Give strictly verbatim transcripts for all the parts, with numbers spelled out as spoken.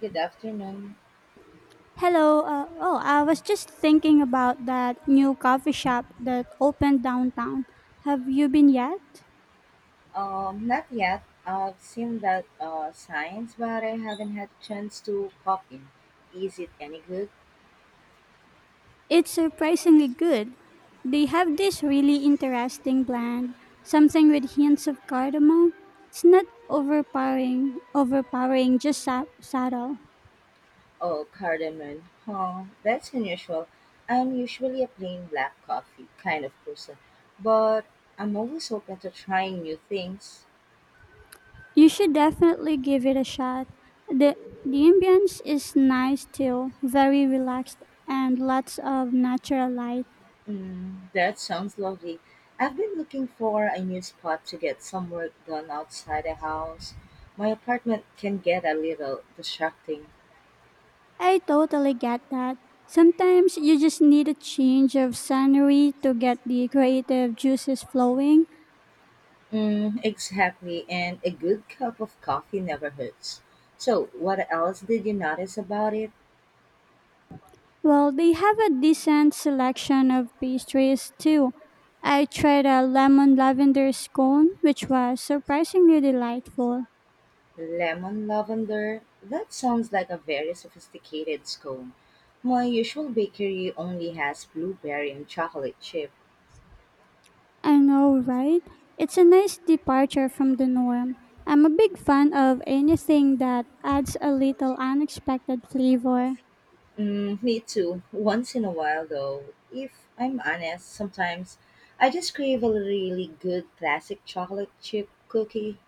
Good afternoon. Hello. Uh, oh, I was just thinking about that new coffee shop that opened downtown. Have you been yet? Um, not yet. I've seen that uh, signs, but I haven't had a chance to pop in. Is it any good? It's surprisingly good. They have this really interesting blend, something with hints of cardamom. It's not overpowering, overpowering, just sub- subtle. Oh, cardamom. Huh, that's unusual. I'm usually a plain black coffee kind of person, but I'm always open to trying new things. You should definitely give it a shot. The the ambience is nice too, very relaxed and lots of natural light. Mm, that sounds lovely. I've been looking for a new spot to get some work done outside the house. My apartment can get a little distracting. I totally get that. Sometimes you just need a change of scenery to get the creative juices flowing. Mm, exactly, and a good cup of coffee never hurts. So, what else did you notice about it? Well, they have a decent selection of pastries too. I tried a lemon lavender scone, which was surprisingly delightful. Lemon lavender? That sounds like a very sophisticated scone. My usual bakery only has blueberry and chocolate chip. I know, right? It's a nice departure from the norm. I'm a big fan of anything that adds a little unexpected flavor. Mm, me too. Once in a while, though, if I'm honest, sometimes I just crave a really good classic chocolate chip cookie.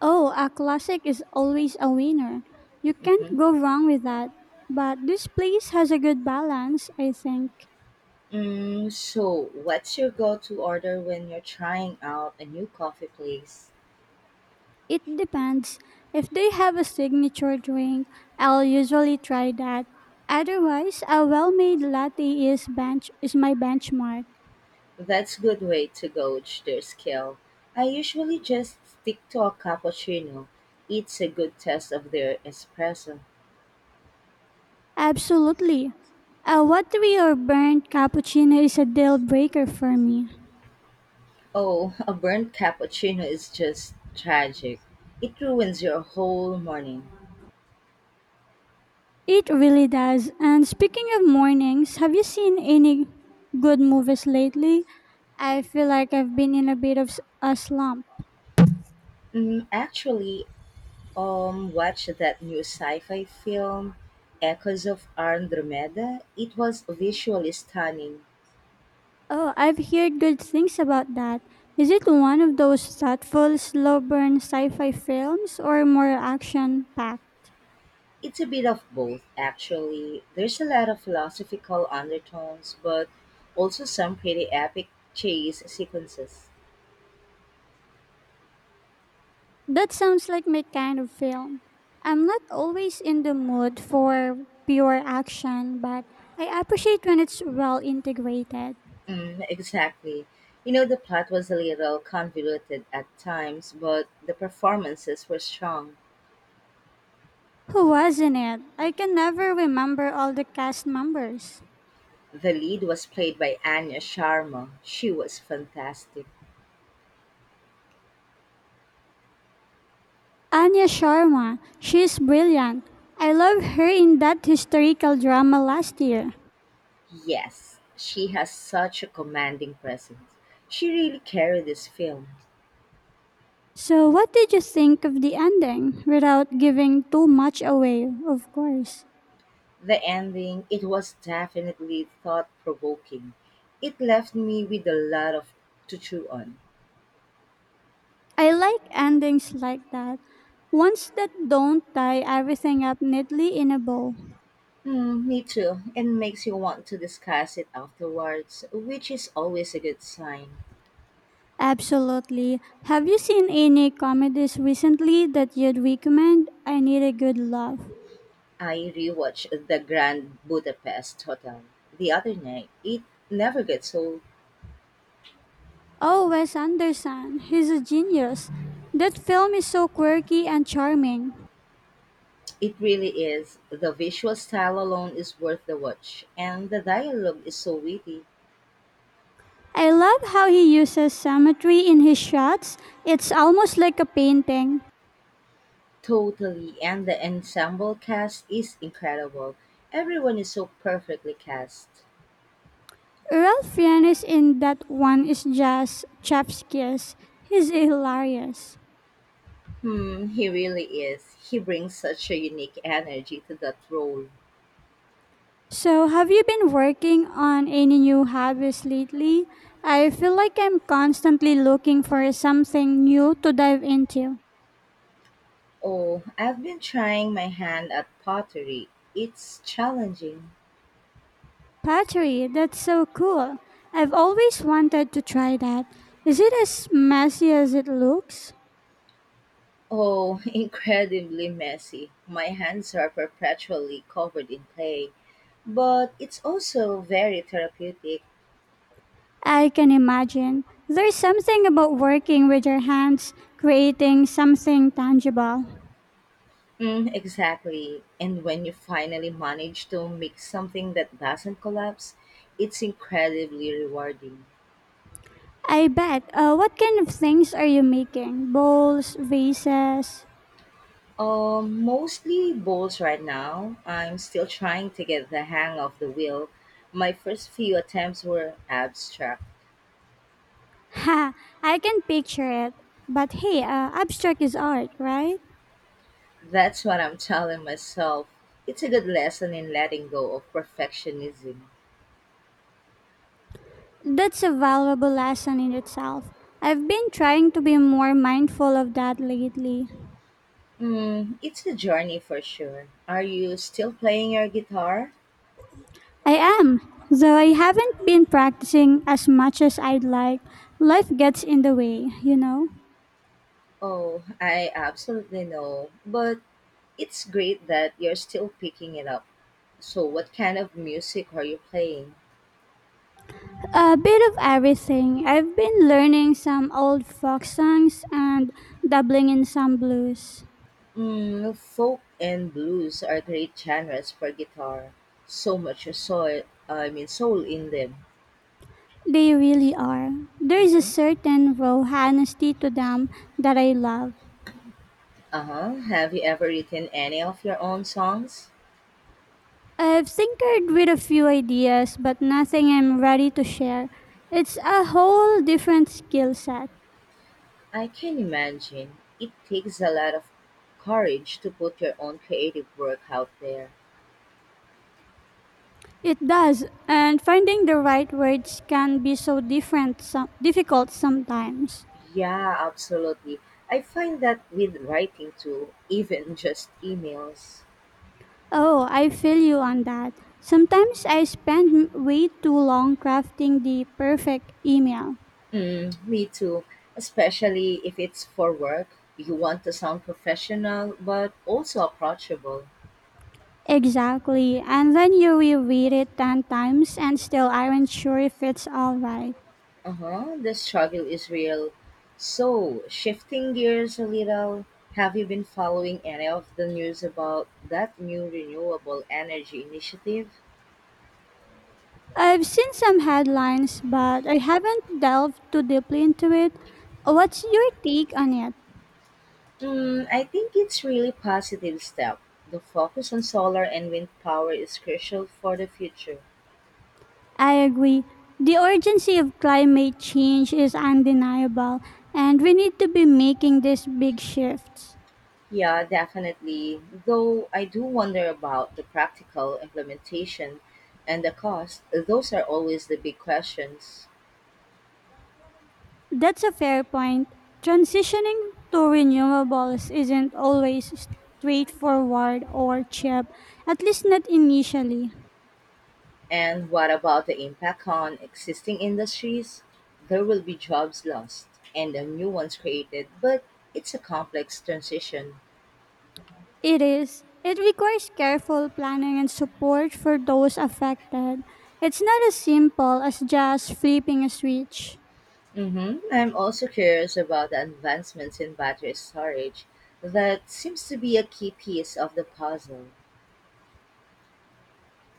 Oh, a classic is always a winner. You can't Mhm. go wrong with that. But this place has a good balance, I think. Mm, so, what's your go to order when you're trying out a new coffee place? It depends. If they have a signature drink, I'll usually try that. Otherwise, a well-made latte is bench is my benchmark. That's a good way to gauge their skill. I usually just stick to a cappuccino. It's a good test of their espresso. Absolutely. A watery or burnt cappuccino is a deal breaker for me. Oh, a burnt cappuccino is just tragic. It ruins your whole morning. It really does. And speaking of mornings, have you seen any good movies lately? I feel like I've been in a bit of s- a slump. Mm, actually, um, watch that new sci-fi film, Echoes of Andromeda. It was visually stunning. Oh, I've heard good things about that. Is it one of those thoughtful, slow burn sci fi films or more action packed? It's a bit of both, actually. There's a lot of philosophical undertones, but also some pretty epic chase sequences. That sounds like my kind of film. I'm not always in the mood for pure action, but I appreciate when it's well integrated. Mm, exactly. You know, the plot was a little convoluted at times, but the performances were strong. Who was in it? I can never remember all the cast members. The lead was played by Anya Sharma. She was fantastic. Anya Sharma, she's brilliant. I loved her in that historical drama last year. Yes, she has such a commanding presence. She really carried this film. So, what did you think of the ending? Without giving too much away, of course. The ending, it was definitely thought provoking. It left me with a lot of to chew on. I like endings like that. Ones that don't tie everything up neatly in a bow. Mm, me too. It makes you want to discuss it afterwards, which is always a good sign. Absolutely. Have you seen any comedies recently that you'd recommend? I need a good laugh. I rewatched The Grand Budapest Hotel the other night. It never gets old. Oh, Wes Anderson, he's a genius. That film is so quirky and charming. It really is. The visual style alone is worth the watch, and the dialogue is so witty. I love how he uses symmetry in his shots. It's almost like a painting. Totally, and the ensemble cast is incredible. Everyone is so perfectly cast. Ralph Fiennes in that one is just chef's kiss. He's hilarious. Hmm, he really is. He brings such a unique energy to that role. So, have you been working on any new hobbies lately? I feel like I'm constantly looking for something new to dive into. Oh, I've been trying my hand at pottery. It's challenging. Pottery, that's so cool. I've always wanted to try that. Is it as messy as it looks? Oh, incredibly messy. My hands are perpetually covered in clay, but it's also very therapeutic. I can imagine. There's something about working with your hands, creating something tangible. Mm, exactly. And when you finally manage to make something that doesn't collapse, it's incredibly rewarding. I bet. Uh, what kind of things are you making? Bowls, vases? Um, mostly bowls right now. I'm still trying to get the hang of the wheel. My first few attempts were abstract. Ha, I can picture it. But hey, uh, abstract is art, right? That's what I'm telling myself. It's a good lesson in letting go of perfectionism. That's a valuable lesson in itself. I've been trying to be more mindful of that lately. Mm, it's a journey for sure. Are you still playing your guitar? I am, though I haven't been practicing as much as I'd like. Life gets in the way, you know. Oh, I absolutely know. But it's great that you're still picking it up. So, what kind of music are you playing? A bit of everything. I've been learning some old folk songs and dabbling in some blues. Mm, folk and blues are great genres for guitar. So much soul, I mean, soul in them. They really are. There is a Hmm. certain raw honesty to them that I love. Uh huh. Have you ever written any of your own songs? I've tinkered with a few ideas, but nothing I'm ready to share. It's a whole different skill set. I can imagine. It takes a lot of courage to put your own creative work out there. It does, and finding the right words can be so different, so difficult sometimes. Yeah, absolutely. I find that with writing too, even just emails. Oh, I feel you on that. Sometimes I spend m- way too long crafting the perfect email. Mm, me too. Especially if it's for work, you want to sound professional but also approachable. Exactly, and then you reread it ten times and still aren't sure if it's alright. Uh huh. The struggle is real. So, shifting gears a little, have you been following any of the news about that new renewable energy initiative? I've seen some headlines, but I haven't delved too deeply into it. What's your take on it? Mm, I think it's really positive step. The focus on solar and wind power is crucial for the future. I agree. The urgency of climate change is undeniable, and we need to be making these big shifts. Yeah, definitely. Though I do wonder about the practical implementation and the cost. Those are always the big questions. That's a fair point. Transitioning to renewables isn't always straightforward or cheap, at least not initially. And what about the impact on existing industries? There will be jobs lost and the new ones created, but it's a complex transition. It is. It requires careful planning and support for those affected. It's not as simple as just flipping a switch. Mm-hmm. I'm also curious about the advancements in battery storage. That seems to be a key piece of the puzzle.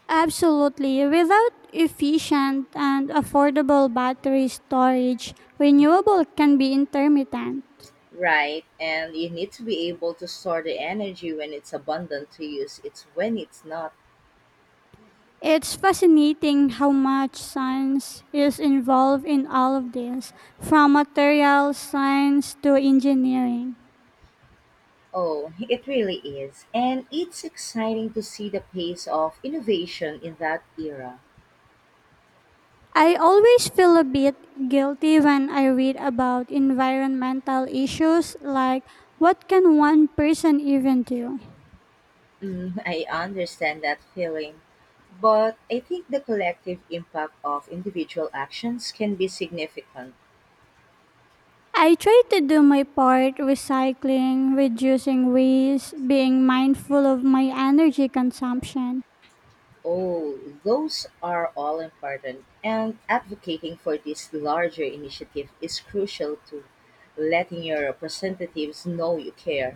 Absolutely. Without efficient and affordable battery storage, renewable can be intermittent. Right, and you need to be able to store the energy when it's abundant to use it's when it's not. It's fascinating how much science is involved in all of this, from material science to engineering. Oh, it really is. And it's exciting to see the pace of innovation in that era. I always feel a bit guilty when I read about environmental issues like what can one person even do? Mm, I understand that feeling. But I think the collective impact of individual actions can be significant. I try to do my part recycling, reducing waste, being mindful of my energy consumption. Oh, those are all important, and advocating for this larger initiative is crucial to letting your representatives know you care.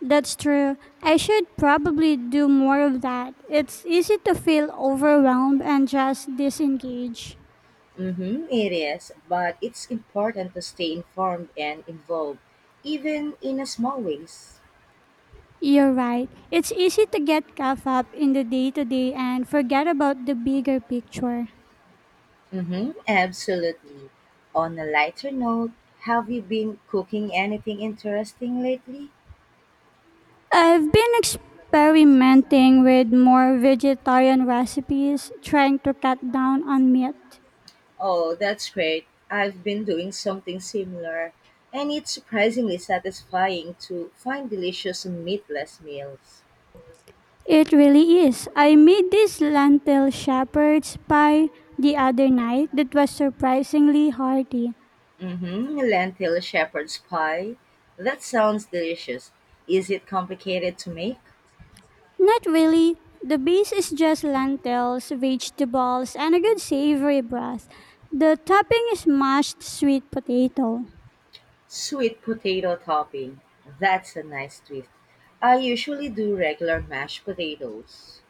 That's true. I should probably do more of that. It's easy to feel overwhelmed and just disengage. Mm-hmm, it is, but it's important to stay informed and involved, even in a small ways. You're right. It's easy to get caught up in the day to day and forget about the bigger picture. Mm-hmm, absolutely. On a lighter note, have you been cooking anything interesting lately? I've been experimenting with more vegetarian recipes, trying to cut down on meat. Oh, that's great. I've been doing something similar, and it's surprisingly satisfying to find delicious meatless meals. It really is. I made this lentil shepherd's pie the other night that was surprisingly hearty. Mm-hmm. Lentil shepherd's pie. That sounds delicious. Is it complicated to make? Not really. The base is just lentils, vegetables, and a good savory broth. The topping is mashed sweet potato. Sweet potato topping. That's a nice twist. I usually do regular mashed potatoes.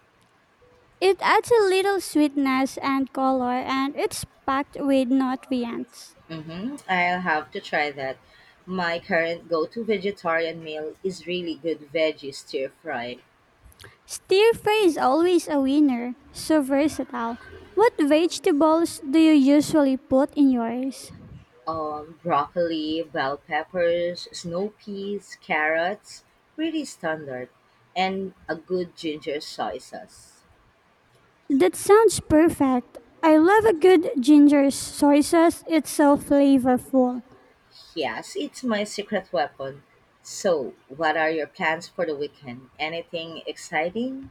It adds a little sweetness and color, and it's packed with nutrients. Mm-hmm. I'll have to try that. My current go to vegetarian meal is really good veggie stir fry. Stir fry is always a winner, so versatile. What vegetables do you usually put in yours? Um, broccoli, bell peppers, snow peas, carrots, pretty standard, and a good ginger soy sauce. That sounds perfect. I love a good ginger soy sauce. It's so flavorful. Yes, it's my secret weapon. So, what are your plans for the weekend? Anything exciting?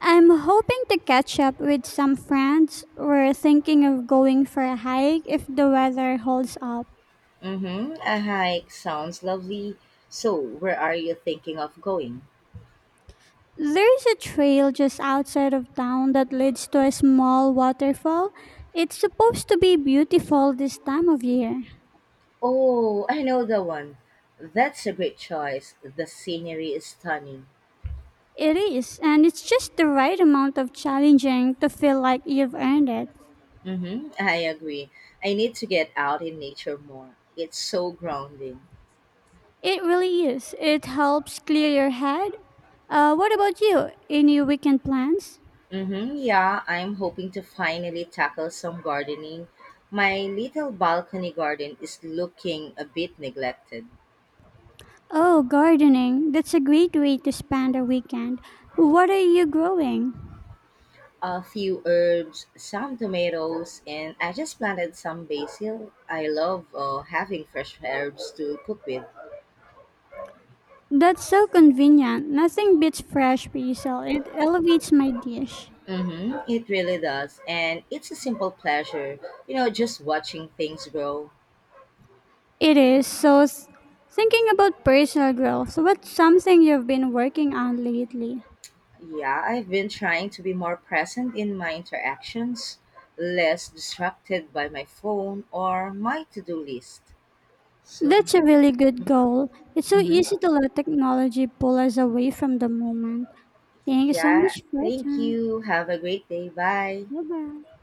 I'm hoping to catch up with some friends. We're thinking of going for a hike if the weather holds up. Mm-hmm, a hike sounds lovely. So, where are you thinking of going? There's a trail just outside of town that leads to a small waterfall. It's supposed to be beautiful this time of year. Oh, I know the one. That's a great choice. The scenery is stunning. It is, and it's just the right amount of challenging to feel like you've earned it. Mm-hmm, I agree. I need to get out in nature more. It's so grounding. It really is. It helps clear your head. Uh, what about you? Any weekend plans? Mm-hmm, yeah, I'm hoping to finally tackle some gardening. My little balcony garden is looking a bit neglected. Oh, gardening. That's a great way to spend a weekend. What are you growing? A few herbs, some tomatoes, and I just planted some basil. I love uh, having fresh herbs to cook with. That's so convenient. Nothing beats fresh basil. It elevates my dish. Mm-hmm, it really does. And it's a simple pleasure, you know, just watching things grow. It is. So, s- thinking about personal growth, so what's something you've been working on lately? Yeah, I've been trying to be more present in my interactions, less distracted by my phone or my to do list. So, That's a yeah. really good goal. It's so Hmm. easy to let technology pull us away from the moment. Thank you so Yeah, much for your thank time. you. Have a great day. Bye. 拜拜。